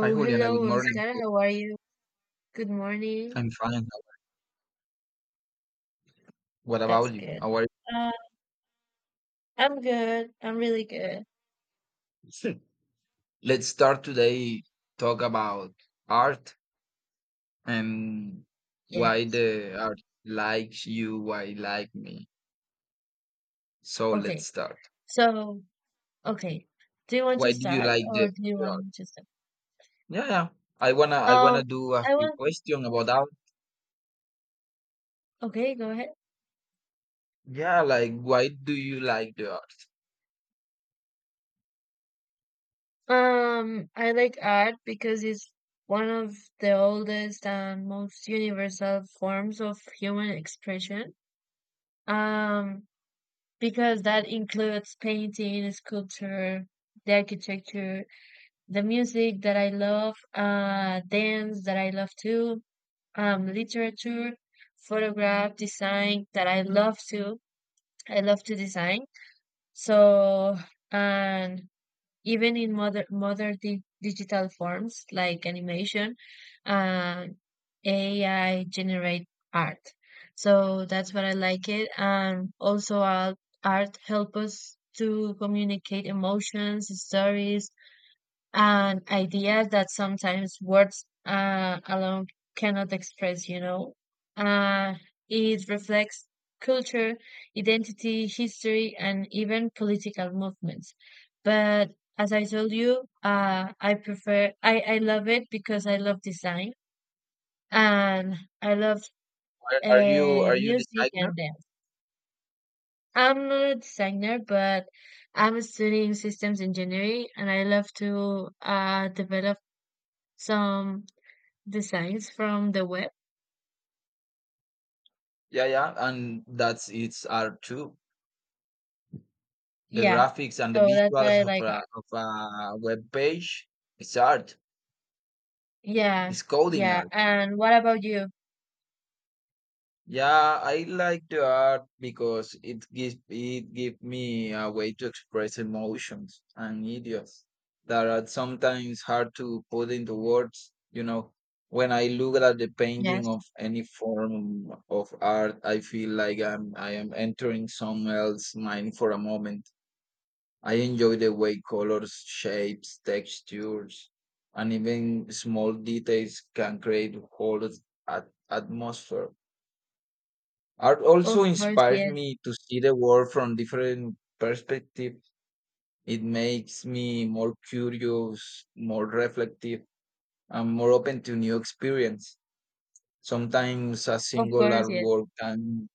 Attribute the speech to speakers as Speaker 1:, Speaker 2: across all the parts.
Speaker 1: Hi, Juliana. Good
Speaker 2: hello,
Speaker 1: morning.
Speaker 2: Oscar. How are you? Good morning.
Speaker 1: I'm fine. What
Speaker 2: That's
Speaker 1: about you?
Speaker 2: good.
Speaker 1: How are you?
Speaker 2: Uh, I'm good. I'm really good.
Speaker 1: Sure. Let's start today talk about art and why
Speaker 2: Yes.
Speaker 1: the art likes you, why like me. So let's
Speaker 2: Okay.
Speaker 1: start.
Speaker 2: So, okay. Do you want to
Speaker 1: Why do you
Speaker 2: start
Speaker 1: like
Speaker 2: or
Speaker 1: the,
Speaker 2: do you
Speaker 1: the
Speaker 2: want
Speaker 1: art?
Speaker 2: me to start?
Speaker 1: Yeah, yeah. I wanna I
Speaker 2: Um,
Speaker 1: wanna do a
Speaker 2: I
Speaker 1: few
Speaker 2: want.
Speaker 1: questions about art.
Speaker 2: Okay, go ahead.
Speaker 1: Yeah, like why do you like the art?
Speaker 2: I like art because it's one of the oldest and most universal forms of human expression. Um, because that includes painting, sculpture, the architecture, the music that I love, dance that I love too, literature, photograph, design that I love too. I love to design. So, and even in modern di digital forms like animation, uh, AI generate art. So that's what I like it. And also, art help us to communicate emotions, stories, and ideas that sometimes words alone cannot express, Uh, it reflects culture, identity, history, and even political movements. But as I told you, I love it because I love design and I love
Speaker 1: Are, are you are you
Speaker 2: music
Speaker 1: designer?
Speaker 2: and dance. I'm not a designer, but I'm studying systems engineering and I love to develop some Designs from the web?
Speaker 1: Yeah, yeah. And that's it's art too. The
Speaker 2: Yeah.
Speaker 1: graphics and the
Speaker 2: So that's what I
Speaker 1: visuals of
Speaker 2: like.
Speaker 1: a web page, it's art,
Speaker 2: Yeah.
Speaker 1: it's coding
Speaker 2: Yeah.
Speaker 1: art.
Speaker 2: And what about you?
Speaker 1: Yeah, I like the art because it give me a way to express emotions and ideas that are sometimes hard to put into words. When I look at the painting
Speaker 2: Yes.
Speaker 1: of any form of art, I feel like I am entering someone else's mind for a moment. I enjoy the way colors, shapes, textures, and even small details can create whole atmosphere. Art also
Speaker 2: Of course,
Speaker 1: inspires
Speaker 2: yes.
Speaker 1: me to see the world from different perspectives. It makes me more curious, more reflective, and more open to new experience. Sometimes a
Speaker 2: Of
Speaker 1: single
Speaker 2: course, yes.
Speaker 1: artwork can,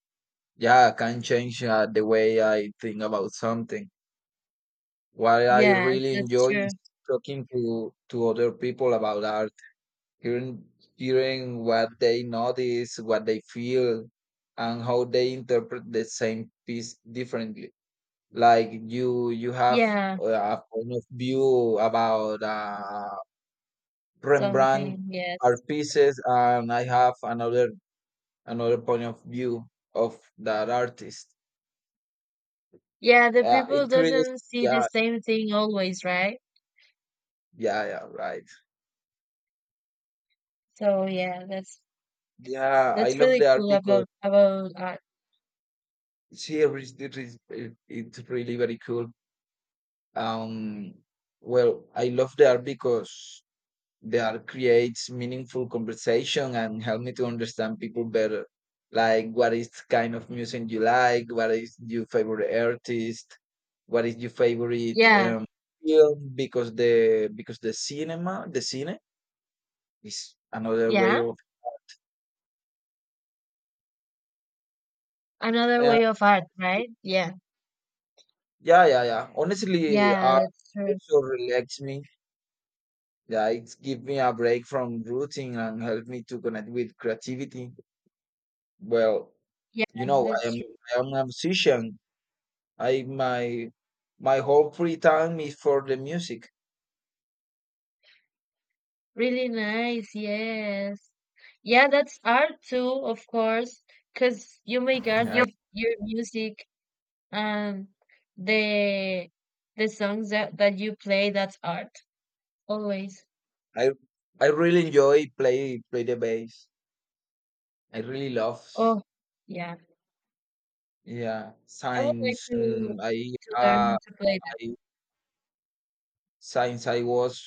Speaker 1: yeah, can change the way I think about something. What I
Speaker 2: Yes,
Speaker 1: really
Speaker 2: that's
Speaker 1: enjoy
Speaker 2: true.
Speaker 1: is talking to other people about art, hearing hearing what they notice, what they feel, and how they interpret the same piece differently. Like you have
Speaker 2: Yeah.
Speaker 1: a point of view about Rembrandt
Speaker 2: Something, yes.
Speaker 1: art pieces, and I have another point of view of that artist.
Speaker 2: Yeah, the people
Speaker 1: It creates,
Speaker 2: doesn't see the
Speaker 1: yeah,
Speaker 2: same thing always, right?
Speaker 1: yeah, yeah, right.
Speaker 2: So yeah, that's
Speaker 1: Yeah, I
Speaker 2: that's
Speaker 1: love
Speaker 2: really
Speaker 1: the art
Speaker 2: cool
Speaker 1: because
Speaker 2: about art.
Speaker 1: She is it, it's really very cool. Um, well, I love the art because the art creates meaningful conversation and help me to understand people better. Like, what is kind of music you like? What is your favorite artist? What is your favorite
Speaker 2: Yeah.
Speaker 1: film? Because the cinema, the cine is another way
Speaker 2: Yeah.
Speaker 1: of.
Speaker 2: Another
Speaker 1: Uh,
Speaker 2: way of art, right? Yeah.
Speaker 1: yeah, yeah, yeah. Honestly,
Speaker 2: Yeah,
Speaker 1: art
Speaker 2: that's true.
Speaker 1: also relaxes me. Yeah, it's give me a break from routine and help me to connect with creativity. Well,
Speaker 2: Yes,
Speaker 1: you know, I
Speaker 2: that's
Speaker 1: am
Speaker 2: true.
Speaker 1: I am a musician. I my my whole free time is for the music.
Speaker 2: Really nice, yes. Yeah, that's art too, of course, because you make art
Speaker 1: Yeah.
Speaker 2: with your music and the the songs that you play, that's art, always.
Speaker 1: I I really enjoy play the bass. I really love,
Speaker 2: Oh, yeah.
Speaker 1: yeah,
Speaker 2: I would like
Speaker 1: science.
Speaker 2: to learn how
Speaker 1: Uh
Speaker 2: to play that.
Speaker 1: I since I was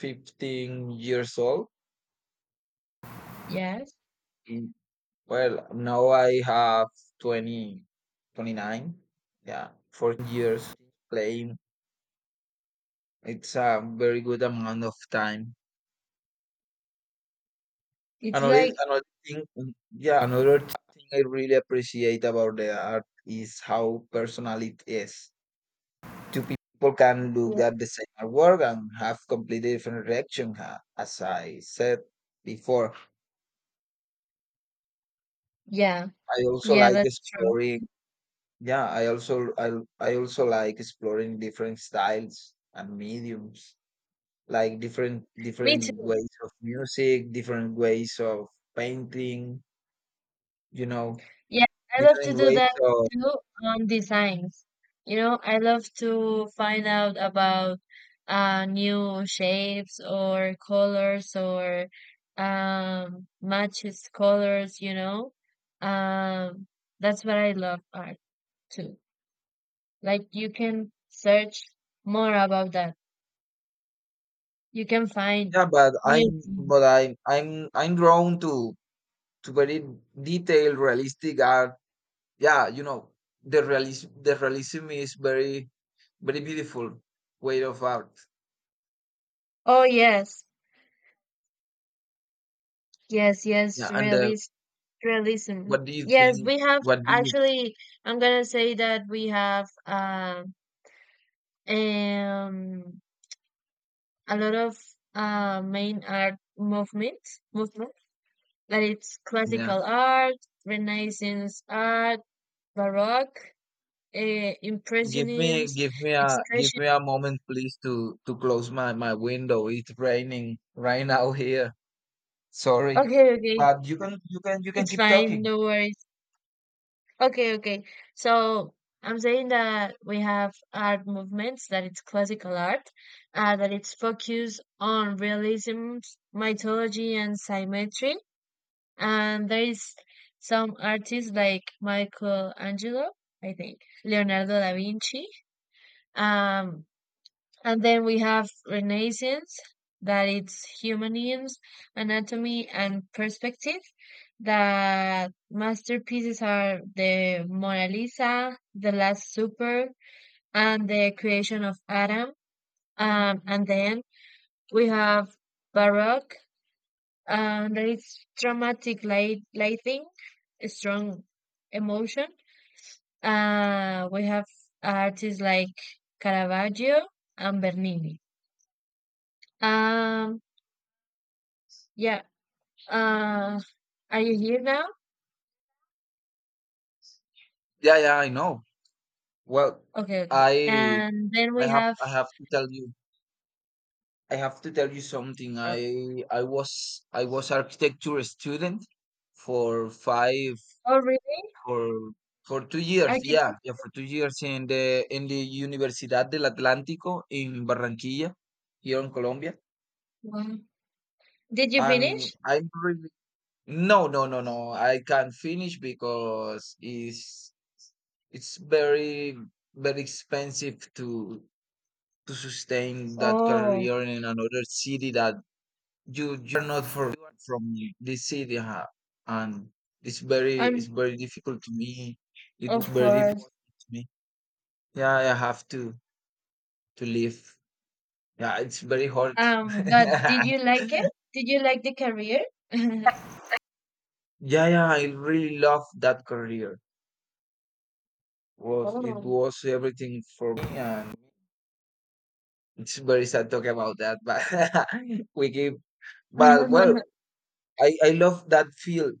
Speaker 1: 15 years old.
Speaker 2: Yes.
Speaker 1: Well, now I have 20, 29, yeah, 4 years playing. It's a very good amount of time.
Speaker 2: It's like,
Speaker 1: Yeah, another thing I really appreciate about the art is how personal it is. Two people can look at the same artwork and have completely different reaction, as I said before.
Speaker 2: yeah,
Speaker 1: I also
Speaker 2: yeah,
Speaker 1: like
Speaker 2: that's true.
Speaker 1: exploring Yeah, I also like exploring different styles and mediums, like
Speaker 2: Me
Speaker 1: different
Speaker 2: too.
Speaker 1: ways of music, different ways of painting, you know,
Speaker 2: Yeah, I love to
Speaker 1: different
Speaker 2: do
Speaker 1: ways
Speaker 2: that
Speaker 1: of
Speaker 2: too on designs. You know, I love to find out about new shapes or colors or matches colors, you know. Um that's what I love art too. Like you can search more about that. You can find
Speaker 1: yeah, but
Speaker 2: new
Speaker 1: I'm
Speaker 2: things.
Speaker 1: but I'm I'm I'm drawn to very detailed realistic art. Yeah, the realism is very very beautiful way of art.
Speaker 2: Oh yes. Yes, yes,
Speaker 1: Yeah, and
Speaker 2: realism.
Speaker 1: what do you
Speaker 2: Yes,
Speaker 1: think?
Speaker 2: we have
Speaker 1: What do you
Speaker 2: actually, I'm gonna say that we have um a lot of main art movement that it's
Speaker 1: Yeah?
Speaker 2: classical art, Renaissance art, Baroque,
Speaker 1: Give
Speaker 2: Impressionism,
Speaker 1: me, give
Speaker 2: Expression.
Speaker 1: me a moment, please, to close my window. It's raining right now here. Sorry,
Speaker 2: Okay, okay,
Speaker 1: but you can
Speaker 2: it's
Speaker 1: keep
Speaker 2: fine.
Speaker 1: talking.
Speaker 2: No worries. Okay, okay. So I'm saying that we have art movements, that it's classical art, that it's focused on realism, mythology, and symmetry. And there is some artists like Michelangelo, I think, Leonardo da Vinci, um, and then we have Renaissance, that it's humanism, anatomy, and perspective. That masterpieces are the Mona Lisa, The Last Supper, and The Creation of Adam. And then we have Baroque, and that it's dramatic lighting, strong emotion. We have artists like Caravaggio and Bernini. Um, yeah, Uh, are you here now?
Speaker 1: Yeah, yeah, I know. Well,
Speaker 2: Okay, okay.
Speaker 1: I,
Speaker 2: And then
Speaker 1: I
Speaker 2: we
Speaker 1: have,
Speaker 2: have,
Speaker 1: I have to tell you, I have to tell you something.
Speaker 2: uh,
Speaker 1: I was architecture student for five,
Speaker 2: oh, really?
Speaker 1: for for 2 years. Yeah,
Speaker 2: Architect?
Speaker 1: yeah, for 2 years in the Universidad del Atlántico in Barranquilla, here in Colombia.
Speaker 2: Wow. Did you
Speaker 1: And
Speaker 2: finish?
Speaker 1: I'm really, no, no, no, no, I can't finish because it's very very expensive to sustain that
Speaker 2: Oh,
Speaker 1: career in another city that you're not for from this city, huh? And it's
Speaker 2: um,
Speaker 1: very difficult to me. It was
Speaker 2: of
Speaker 1: very
Speaker 2: course.
Speaker 1: difficult to me. Yeah, I have to leave. Yeah, it's very hard.
Speaker 2: But
Speaker 1: Yeah,
Speaker 2: did you like it? Did you like the career?
Speaker 1: yeah. I really love that career. Was it
Speaker 2: Oh,
Speaker 1: was everything for me, and it's very sad talking about that, but we keep but well, I love that field.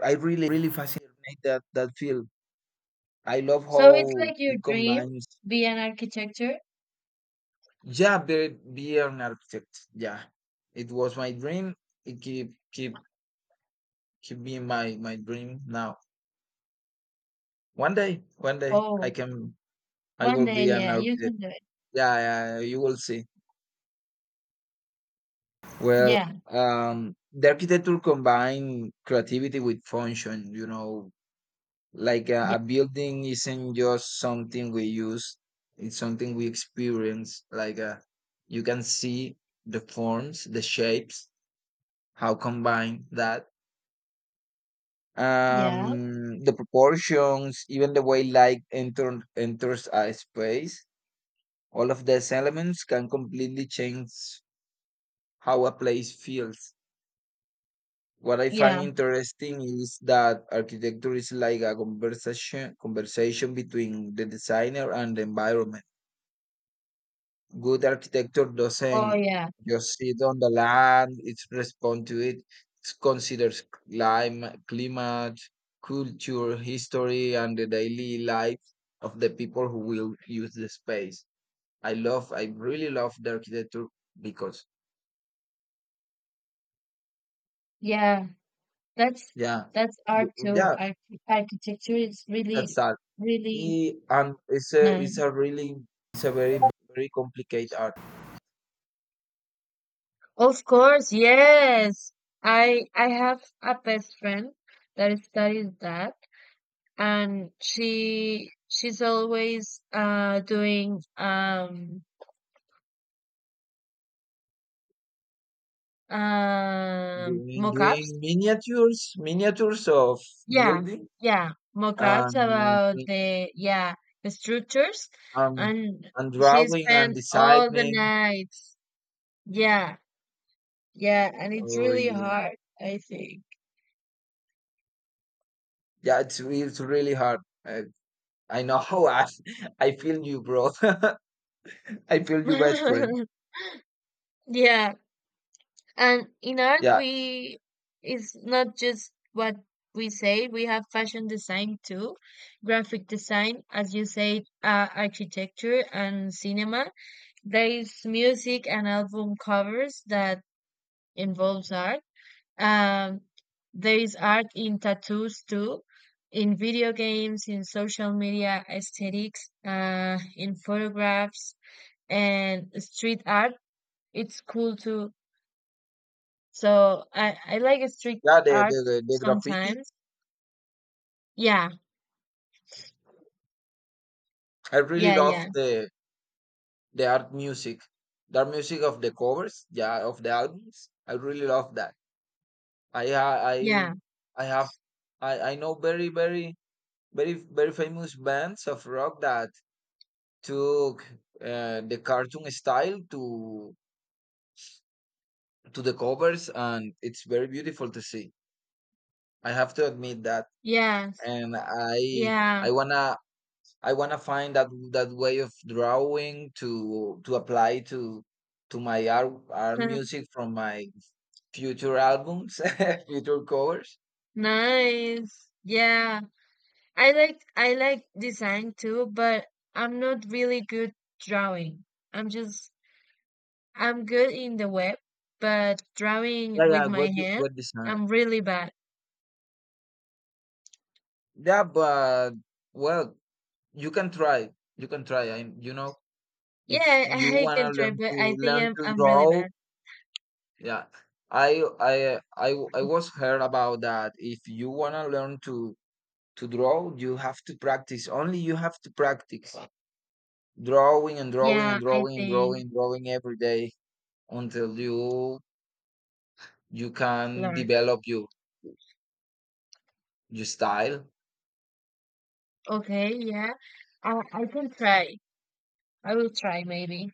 Speaker 1: I really really fascinate that field. I love
Speaker 2: so it's
Speaker 1: how
Speaker 2: like your
Speaker 1: it
Speaker 2: dream,
Speaker 1: combines.
Speaker 2: be an architecture?
Speaker 1: Yeah, be an architect. Yeah, it was my dream. It keep being my dream now. One day
Speaker 2: Oh,
Speaker 1: I
Speaker 2: one
Speaker 1: will
Speaker 2: day,
Speaker 1: be an
Speaker 2: yeah, you
Speaker 1: architect.
Speaker 2: can do it.
Speaker 1: Yeah, you will see. Well,
Speaker 2: Yeah,
Speaker 1: the architecture combine creativity with function, like
Speaker 2: yeah,
Speaker 1: a building isn't just something we use, it's something we experience. Like you can see the forms, the shapes, how combine that,
Speaker 2: yeah,
Speaker 1: the proportions, even the way enters a space. All of these elements can completely change how a place feels. What I find
Speaker 2: yeah.
Speaker 1: interesting is that architecture is like a conversation between the designer and the environment. Good architecture
Speaker 2: Oh,
Speaker 1: doesn't
Speaker 2: yeah,
Speaker 1: just sit on the land, it responds to it. It considers climate, culture, history, and the daily life of the people who will use the space. I really love the architecture, because,
Speaker 2: yeah. That's
Speaker 1: yeah,
Speaker 2: that's art too.
Speaker 1: yeah,
Speaker 2: Architecture is
Speaker 1: that's
Speaker 2: really,
Speaker 1: that.
Speaker 2: really
Speaker 1: And it's a it's
Speaker 2: None.
Speaker 1: a really it's a very very complicated art.
Speaker 2: Of course, yes. I have a best friend that studies that, and she's always doing
Speaker 1: doing
Speaker 2: mock-ups.
Speaker 1: doing miniatures of
Speaker 2: Yeah,
Speaker 1: building
Speaker 2: yeah, mock-ups
Speaker 1: and
Speaker 2: about the yeah the structures,
Speaker 1: um
Speaker 2: and she
Speaker 1: drawing and
Speaker 2: spent all the
Speaker 1: designing.
Speaker 2: nights. Yeah, yeah, and it's
Speaker 1: Oh
Speaker 2: really
Speaker 1: yeah,
Speaker 2: hard, I think.
Speaker 1: yeah, it's really hard. I, I know how I. I feel you bro. I feel you best friend.
Speaker 2: Yeah. And in art,
Speaker 1: Yeah,
Speaker 2: we it's not just what we say. We have fashion design too, graphic design, as you said, architecture and cinema. There is music and album covers that involves art. Um, there is art in tattoos too, in video games, in social media aesthetics, in photographs and street art. It's cool too so I like a street
Speaker 1: yeah the,
Speaker 2: art
Speaker 1: the the graffiti.
Speaker 2: sometimes. Yeah,
Speaker 1: I really
Speaker 2: yeah, yeah,
Speaker 1: love the art music, the art music of the covers, yeah, of the albums. I really love that. I ha-
Speaker 2: yeah,
Speaker 1: I have I know very very famous bands of rock that took the cartoon style to the covers, and it's very beautiful to see. I have to admit that.
Speaker 2: yes,
Speaker 1: And I
Speaker 2: yeah.
Speaker 1: I wanna I wanna find that way of drawing to apply to my art, art music from my future albums, future covers.
Speaker 2: Nice. Yeah. I like design too, but I'm not really good drawing. I'm just I'm good in the web, but drawing
Speaker 1: Yeah, yeah.
Speaker 2: with my
Speaker 1: What
Speaker 2: hand,
Speaker 1: good
Speaker 2: I'm
Speaker 1: design.
Speaker 2: really bad.
Speaker 1: Yeah, but well, you can try. You can try.
Speaker 2: Yeah,
Speaker 1: If you
Speaker 2: I
Speaker 1: wanna
Speaker 2: can try, but I think
Speaker 1: learn
Speaker 2: I'm
Speaker 1: to
Speaker 2: I'm really
Speaker 1: draw,
Speaker 2: bad.
Speaker 1: yeah. I I I I was heard about that. If you wanna learn to draw, you have to practice. Only you have to practice drawing and drawing
Speaker 2: Yeah,
Speaker 1: and
Speaker 2: I
Speaker 1: drawing and
Speaker 2: think
Speaker 1: drawing every day until you can
Speaker 2: learn.
Speaker 1: develop your style.
Speaker 2: Okay, yeah. I can try. I will try maybe.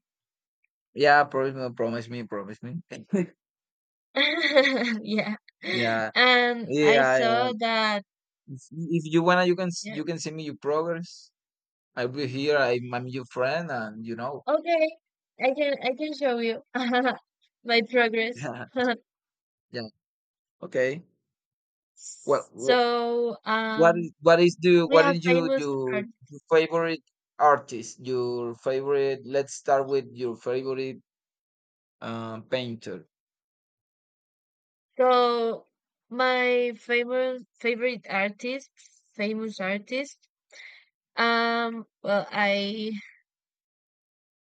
Speaker 1: Yeah, promise me, promise me, promise me.
Speaker 2: Yeah.
Speaker 1: Yeah,
Speaker 2: And I
Speaker 1: yeah.
Speaker 2: saw that
Speaker 1: If you wanna,
Speaker 2: yeah.
Speaker 1: you can send me your progress. I'll be here. I'm your friend, and
Speaker 2: Okay. I can show you my progress.
Speaker 1: yeah, yeah. Okay. What what
Speaker 2: So, um we
Speaker 1: what
Speaker 2: have
Speaker 1: is you
Speaker 2: famous
Speaker 1: your,
Speaker 2: art.
Speaker 1: your favorite artist? Your favorite? Let's start with your favorite painter.
Speaker 2: So my famous favorite artist, famous artist. Well I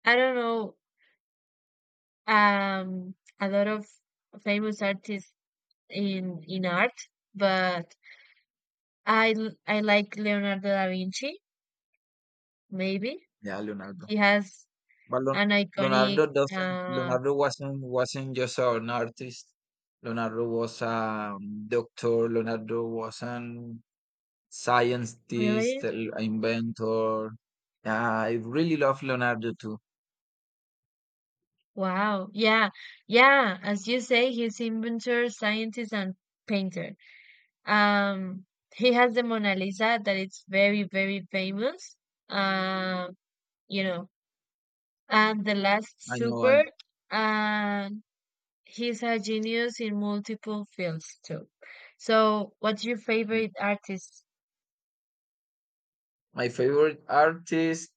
Speaker 2: I don't know a lot of famous artists in art, but I like Leonardo da Vinci. Maybe
Speaker 1: Yeah, Leonardo.
Speaker 2: he has
Speaker 1: But
Speaker 2: an iconic.
Speaker 1: Leonardo doesn't.
Speaker 2: Uh,
Speaker 1: Leonardo wasn't just an artist. Leonardo was a doctor. Leonardo was an
Speaker 2: really?
Speaker 1: scientist, inventor. Yeah, I really love Leonardo too.
Speaker 2: Wow. Yeah, yeah. As you say, he's inventor, scientist, and painter. Um, he has the Mona Lisa that it's very, very famous. Uh, you know, and the Last
Speaker 1: I know, I
Speaker 2: Supper.
Speaker 1: know.
Speaker 2: And he's a genius in multiple fields too. So, what's your favorite artist?
Speaker 1: My favorite artist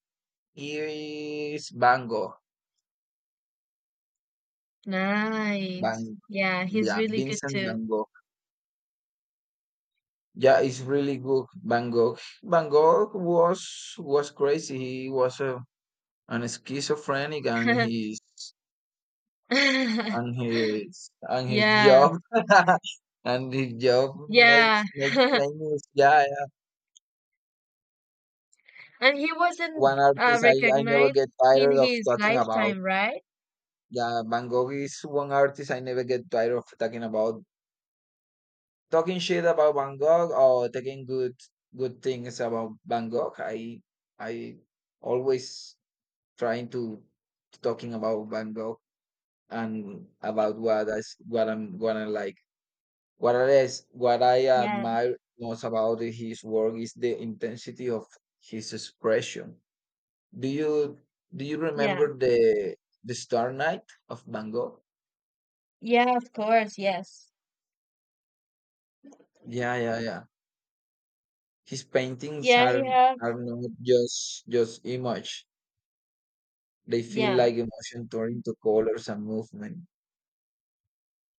Speaker 1: is Van Gogh. Van,
Speaker 2: Nice. Yeah, he's
Speaker 1: yeah,
Speaker 2: really good
Speaker 1: Vincent
Speaker 2: too.
Speaker 1: Van Gogh. Yeah, it's really good. Van Gogh. Van Gogh was crazy. He was an schizophrenic, and his and his and his
Speaker 2: Yeah,
Speaker 1: job, and his job
Speaker 2: yeah.
Speaker 1: makes famous. Yeah, yeah.
Speaker 2: And he wasn't
Speaker 1: One artist I never
Speaker 2: recognized
Speaker 1: get
Speaker 2: in
Speaker 1: tired of
Speaker 2: his
Speaker 1: talking about.
Speaker 2: lifetime, right?
Speaker 1: Yeah, Van Gogh is one artist I never get tired of talking about. Talking shit about Van Gogh or taking good things about Van Gogh. I always trying to talking about Van Gogh and about what I'm gonna like. What I
Speaker 2: Yeah,
Speaker 1: admire most about his work is the intensity of his expression. Do you do you
Speaker 2: yeah.
Speaker 1: remember the Star Night of Van Gogh?
Speaker 2: Yeah, of course, yes.
Speaker 1: Yeah, yeah, yeah. His paintings
Speaker 2: Yeah, he have.
Speaker 1: are not just image. They feel
Speaker 2: Yeah,
Speaker 1: like emotion turned into colors and movement.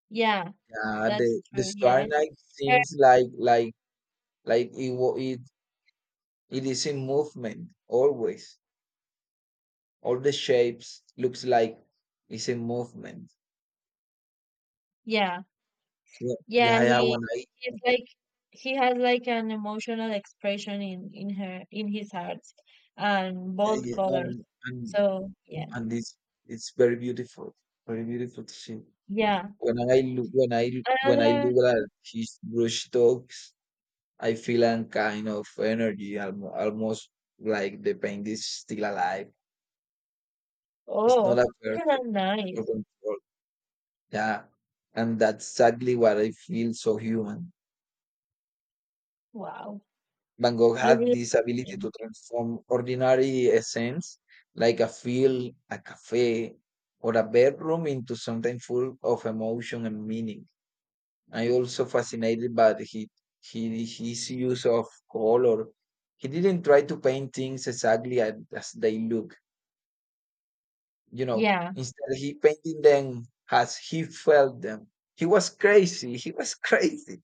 Speaker 2: yeah.
Speaker 1: Yeah,
Speaker 2: That's
Speaker 1: the
Speaker 2: true.
Speaker 1: Star
Speaker 2: Yeah.
Speaker 1: Night
Speaker 2: Uh,
Speaker 1: seems like it is in movement always. All the shapes looks like it's in movement.
Speaker 2: Yeah.
Speaker 1: Yeah,
Speaker 2: Yeah,
Speaker 1: yeah, yeah.
Speaker 2: he
Speaker 1: When I
Speaker 2: he's like he has like an emotional expression in her in his heart and
Speaker 1: Yeah,
Speaker 2: bold
Speaker 1: yeah.
Speaker 2: colors.
Speaker 1: And, and
Speaker 2: So, yeah.
Speaker 1: And it's it's very beautiful, very beautiful to see.
Speaker 2: Yeah.
Speaker 1: When I look when I
Speaker 2: Another
Speaker 1: look at his brush dogs, I feel a kind of energy, almost like the paint is still alive. It's not
Speaker 2: oh,
Speaker 1: a perfect or
Speaker 2: nice.
Speaker 1: control. Yeah, and that's exactly what I feel so human.
Speaker 2: Wow.
Speaker 1: Van Gogh
Speaker 2: You
Speaker 1: had
Speaker 2: really
Speaker 1: this
Speaker 2: like
Speaker 1: ability
Speaker 2: him.
Speaker 1: to transform ordinary essence, like a field, a cafe, or a bedroom, into something full of emotion and meaning. I also fascinated by his use of color. He didn't try to paint things exactly as they look. You know.
Speaker 2: Yeah.
Speaker 1: Instead, he painted them as he felt them. He was crazy. He was crazy.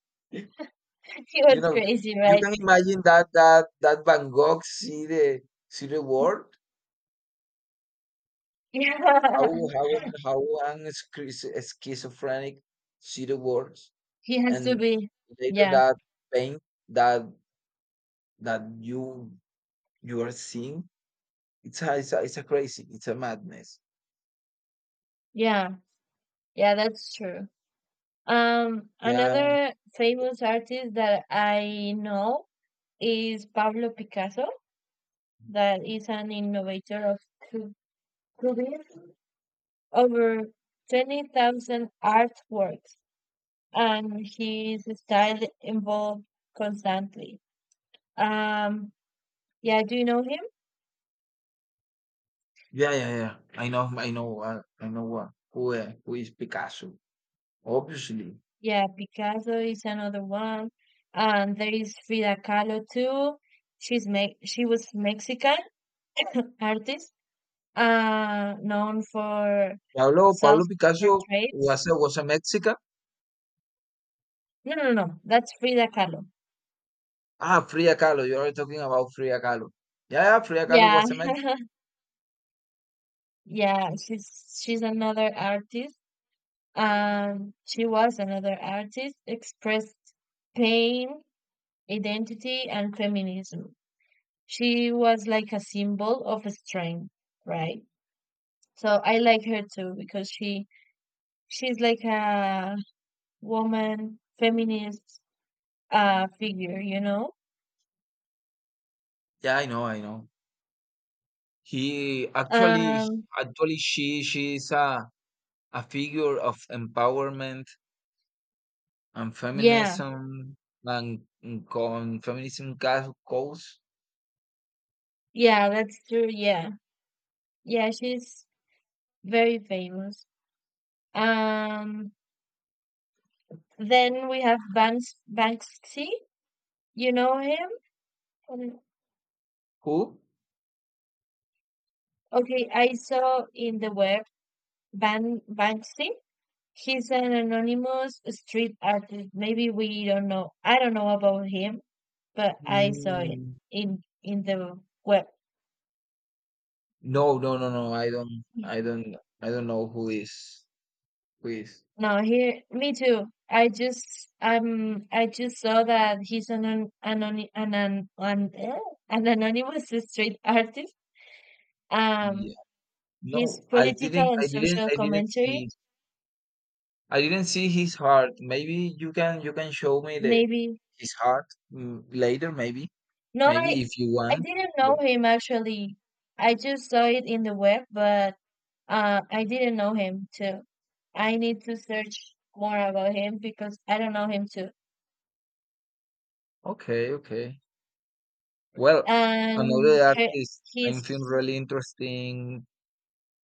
Speaker 2: He
Speaker 1: You
Speaker 2: was
Speaker 1: know,
Speaker 2: crazy,
Speaker 1: you
Speaker 2: right?
Speaker 1: can imagine that Van Gogh see the world.
Speaker 2: Yeah.
Speaker 1: How how how an schizophrenic see the world,
Speaker 2: He has to
Speaker 1: and
Speaker 2: be.
Speaker 1: later
Speaker 2: Yeah.
Speaker 1: that paint that that You are seeing? It's a crazy. It's a madness.
Speaker 2: Yeah. Yeah, that's true.
Speaker 1: Yeah.
Speaker 2: Another famous artist that I know is Pablo Picasso, that is an innovator of cu- cubism, over 20,000 artworks, and his style evolved constantly. Um, yeah, do you know him?
Speaker 1: Yeah, yeah, yeah. I know I know I know what who is Picasso. Obviously.
Speaker 2: Yeah, Picasso is another one. And there is Frida Kahlo too. She was Mexican artist, known for
Speaker 1: Pablo Picasso
Speaker 2: self-portraits.
Speaker 1: was a Mexican.
Speaker 2: No, no, no, no, that's Frida Kahlo.
Speaker 1: Ah, Frida Kahlo. You're talking about Frida Kahlo. Yeah, yeah, Frida Kahlo
Speaker 2: Yeah,
Speaker 1: was a Mexican.
Speaker 2: yeah, she's another artist. She was another artist, expressed pain, identity, and feminism. She was like a symbol of strength, right? So I like her too because she's like a woman feminist figure, you know?
Speaker 1: Yeah, I know, I know. He actually
Speaker 2: Um
Speaker 1: actually she is a figure of empowerment and
Speaker 2: yeah,
Speaker 1: feminism and con feminism ca- cause
Speaker 2: yeah, that's true. Yeah. Yeah, she's very famous. Um then we have Banksy, you know him? Um,
Speaker 1: Who?
Speaker 2: Okay, I saw in the web Banksy. He's an anonymous street artist. Maybe we don't know. I don't know about him, but I saw it
Speaker 1: Mm,
Speaker 2: in the web.
Speaker 1: No, no. I don't. I don't know who is.
Speaker 2: No, here, me too. I just saw that he's an anony- an, eh, an anonymous street artist.
Speaker 1: Yeah.
Speaker 2: Um, his
Speaker 1: No, I
Speaker 2: political
Speaker 1: didn't.
Speaker 2: and
Speaker 1: I didn't.
Speaker 2: social
Speaker 1: I didn't
Speaker 2: commentary.
Speaker 1: see. I didn't see his heart. Maybe you can. You can show me the
Speaker 2: Maybe
Speaker 1: his heart later. Maybe.
Speaker 2: no,
Speaker 1: Maybe if you
Speaker 2: I
Speaker 1: want.
Speaker 2: didn't know
Speaker 1: Oh,
Speaker 2: him actually. I just saw it in the web, but. I didn't know him too. I need to search more about him because I don't know him too.
Speaker 1: okay. Okay. Well,
Speaker 2: And
Speaker 1: another
Speaker 2: he,
Speaker 1: artist I'm feeling
Speaker 2: he's
Speaker 1: really interesting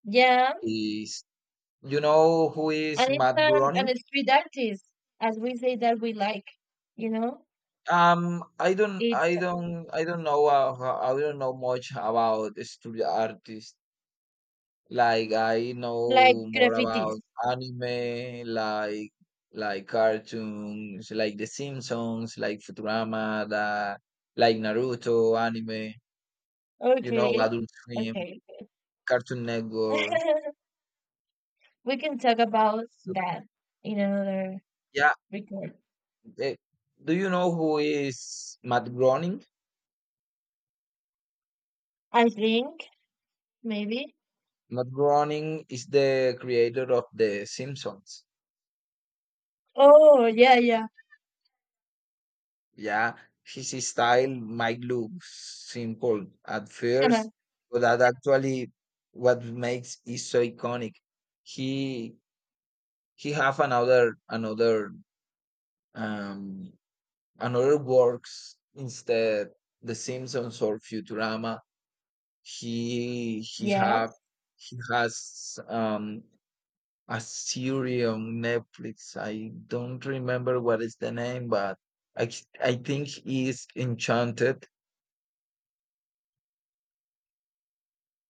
Speaker 2: yeah,
Speaker 1: is, you know who
Speaker 2: and
Speaker 1: is
Speaker 2: it's
Speaker 1: Matt Groening.
Speaker 2: an street artist, as we say that we like, you know,
Speaker 1: I don't,
Speaker 2: it's
Speaker 1: I don't, I don't know. I don't know much about studio artists. Like I
Speaker 2: like
Speaker 1: know more
Speaker 2: graffitis.
Speaker 1: about anime, like cartoons, like The Simpsons, like Futurama, like Naruto anime. You know,
Speaker 2: Okay,
Speaker 1: Adult Swim,
Speaker 2: okay,
Speaker 1: Cartoon Network.
Speaker 2: we can talk about
Speaker 1: So,
Speaker 2: that in another
Speaker 1: yeah.
Speaker 2: record.
Speaker 1: eh, do you know who is Matt Groening?
Speaker 2: I think maybe.
Speaker 1: Matt Groening is the creator of The Simpsons.
Speaker 2: Oh yeah, yeah,
Speaker 1: Yeah, his style might look simple at first, but that actually what makes it so iconic. He he have another um another works instead The Simpsons or Futurama. He he have
Speaker 2: yes.
Speaker 1: he has a series on Netflix. I don't remember what is the name, but I I think is Enchanted.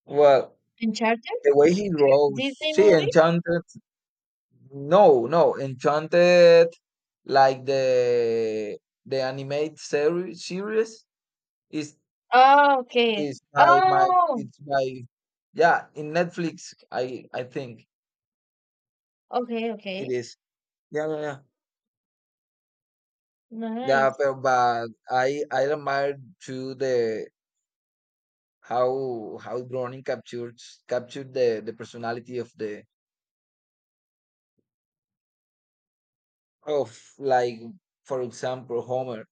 Speaker 1: Well,
Speaker 2: Uncharted,
Speaker 1: the way he grows.
Speaker 2: Disney
Speaker 1: See,
Speaker 2: movie.
Speaker 1: Enchanted. No, no, Enchanted, like the the animated series is
Speaker 2: Oh, okay.
Speaker 1: is by my
Speaker 2: Oh,
Speaker 1: it's by, yeah, in Netflix. I think
Speaker 2: okay,
Speaker 1: it
Speaker 2: okay.
Speaker 1: is. Yeah, yeah, yeah. Yeah,
Speaker 2: Nice.
Speaker 1: but I admire to the, how Browning captures captured the personality of like, for example, Homer.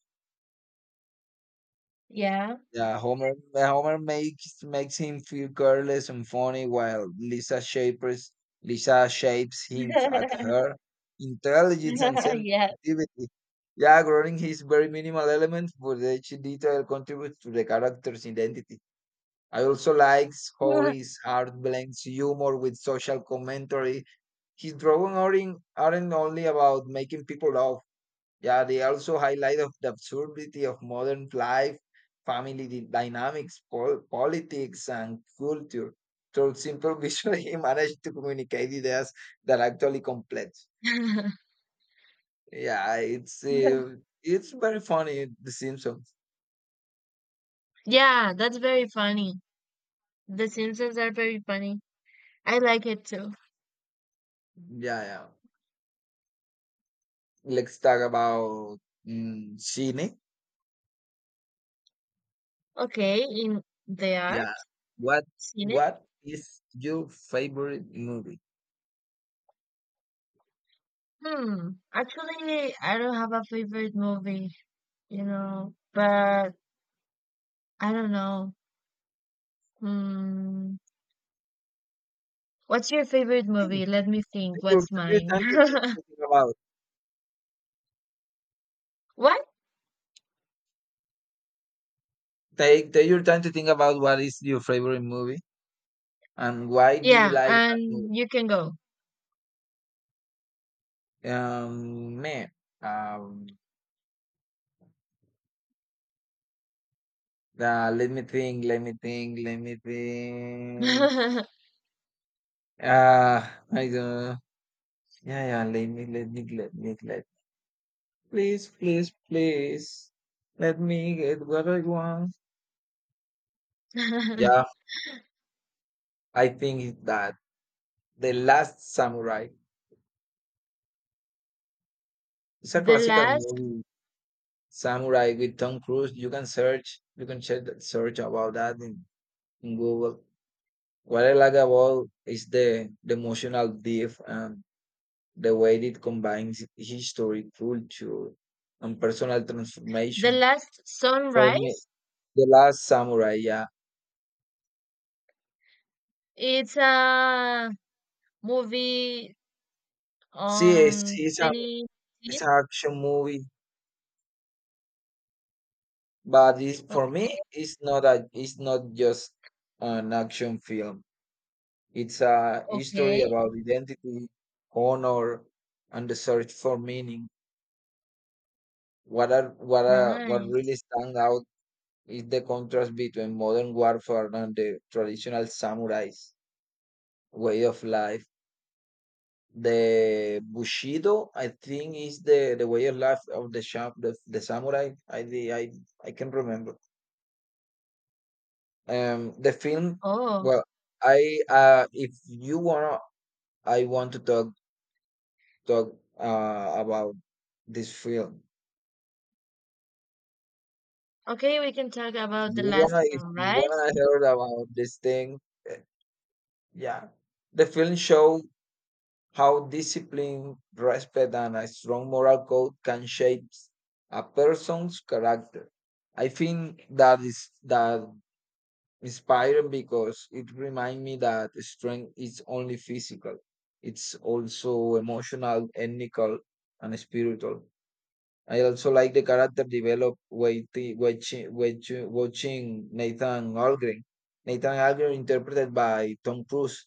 Speaker 2: Yeah.
Speaker 1: Yeah, Homer makes him feel careless and funny while Lisa shapes hints at her intelligence and
Speaker 2: Yeah.
Speaker 1: sensitivity. Yeah, growing his very minimal elements, but each detail contributes to the character's identity. I also likes how his art blends humor with social commentary. His drawings aren't only about making people laugh. Yeah, they also highlight of the absurdity of modern life, dynamics, politics, and culture through simple visual. He managed to communicate ideas that are actually complex. Yeah, it's it's very funny. The Simpsons.
Speaker 2: Yeah, that's very funny. The Simpsons are very funny. I like it too.
Speaker 1: Yeah, yeah. Let's talk about, Cine.
Speaker 2: Okay, in the art,
Speaker 1: Yeah, what
Speaker 2: seen it?
Speaker 1: what is your favorite movie?
Speaker 2: Hmm. Actually, I don't have a favorite movie, you know, but I don't know. Hmm. What's your favorite
Speaker 1: Think,
Speaker 2: movie? Let me
Speaker 1: think.
Speaker 2: think.
Speaker 1: Take your
Speaker 2: What's
Speaker 1: take your
Speaker 2: mine?
Speaker 1: time to think about.
Speaker 2: What?
Speaker 1: Take your time to think about what is your favorite movie and why do you
Speaker 2: Yeah,
Speaker 1: like that movie.
Speaker 2: and you can go.
Speaker 1: Um, man, um, Let me think. Uh, I don't. Yeah, yeah. Let me, let me, let me, let. Please, please, please. Let me get what I want. Yeah, I think it's that the Last Samurai. It's a
Speaker 2: The
Speaker 1: classical
Speaker 2: last,
Speaker 1: movie. Samurai with Tom Cruise. You can search. You can check that, search about that in Google. Varelaga Wall is the emotional depth and the way it combines history, culture, and personal
Speaker 2: the
Speaker 1: transformation.
Speaker 2: last
Speaker 1: For me,
Speaker 2: sunrise.
Speaker 1: The Last Samurai, yeah.
Speaker 2: It's a movie
Speaker 1: See,
Speaker 2: on 2018.
Speaker 1: it's an action movie, but, it's, for
Speaker 2: Okay,
Speaker 1: me, it's not just an action film. It's a history
Speaker 2: okay,
Speaker 1: about identity, honor, and the search for meaning. What
Speaker 2: nice.
Speaker 1: really stand out is the contrast between modern warfare and the traditional samurai's way of life. The Bushido, I think, is the way of life of the samurai. I can remember. The film.
Speaker 2: Oh,
Speaker 1: Well, I if you wanna, I want to talk about this film.
Speaker 2: okay. We can talk about the last
Speaker 1: If you
Speaker 2: sunrise.
Speaker 1: wanna hear about this thing, eh, yeah. The film show how discipline, respect, and a strong moral code can shape a person's character. I think that is that inspiring because it reminds me that strength is only physical. It's also emotional, ethical, and spiritual. I also like the character developed while watching Nathan Algren. Nathan Algren interpreted by Tom Cruise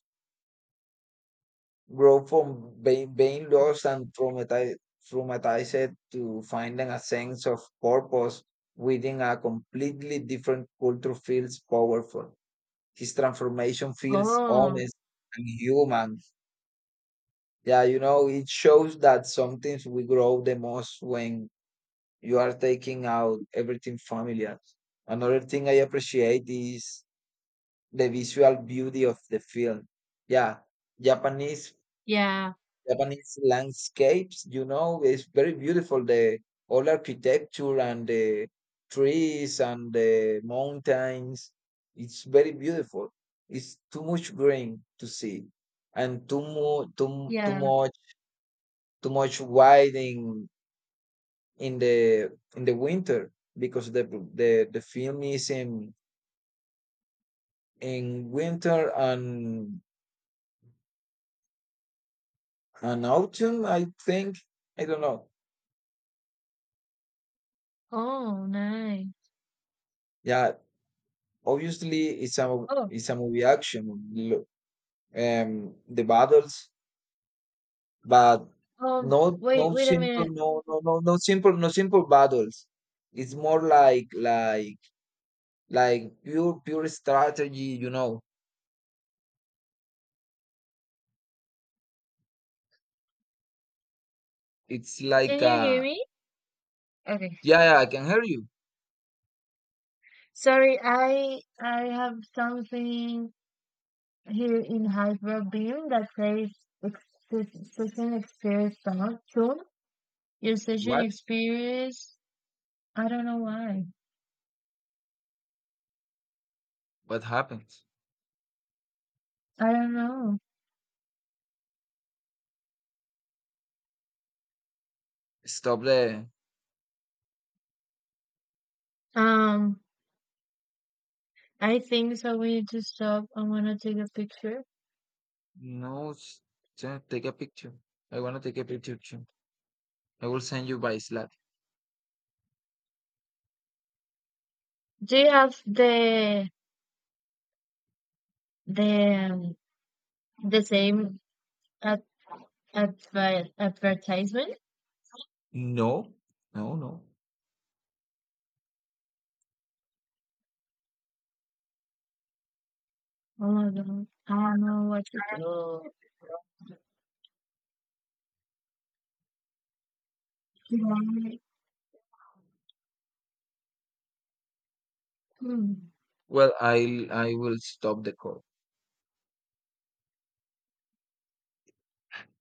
Speaker 1: grow from being lost and traumatized to finding a sense of purpose within a completely different culture feels powerful. His transformation feels
Speaker 2: Oh,
Speaker 1: honest and human. Yeah, you know, it shows that sometimes we grow the most when you are taking out everything familiar. Another thing I appreciate is the visual beauty of the film. Yeah, Japanese
Speaker 2: yeah,
Speaker 1: Japanese landscapes, you know, it's very beautiful. The all architecture and the trees and the mountains, it's very beautiful. It's too much green to see, and too mu too
Speaker 2: yeah.
Speaker 1: too much white in in the winter because the film is in winter and autumn, I think. I don't know.
Speaker 2: Oh, nice.
Speaker 1: Yeah, obviously
Speaker 2: Oh,
Speaker 1: it's a movie action, lo- the battles, but
Speaker 2: um,
Speaker 1: no
Speaker 2: wait,
Speaker 1: no
Speaker 2: wait a
Speaker 1: simple
Speaker 2: minute.
Speaker 1: no no no no simple no simple battles. It's more like pure strategy, you know. It's
Speaker 2: Can
Speaker 1: like,
Speaker 2: you hear me? Okay.
Speaker 1: yeah, yeah, I can hear you.
Speaker 2: Sorry, I have something here in Hyperbane that says ex- session experience song. Tune your session
Speaker 1: what
Speaker 2: experience. I don't know why.
Speaker 1: what happened?
Speaker 2: I don't know.
Speaker 1: Stop there.
Speaker 2: Um, I think so. We need to stop. I want to take a picture.
Speaker 1: No s- t- Take a picture. I want to take a picture too. I will send you by Slack.
Speaker 2: Do you have the the um, the same ad- advertisement?
Speaker 1: no no No.
Speaker 2: Oh my god! I don't know what to do. Yeah. Hmm.
Speaker 1: Well, I will stop the call.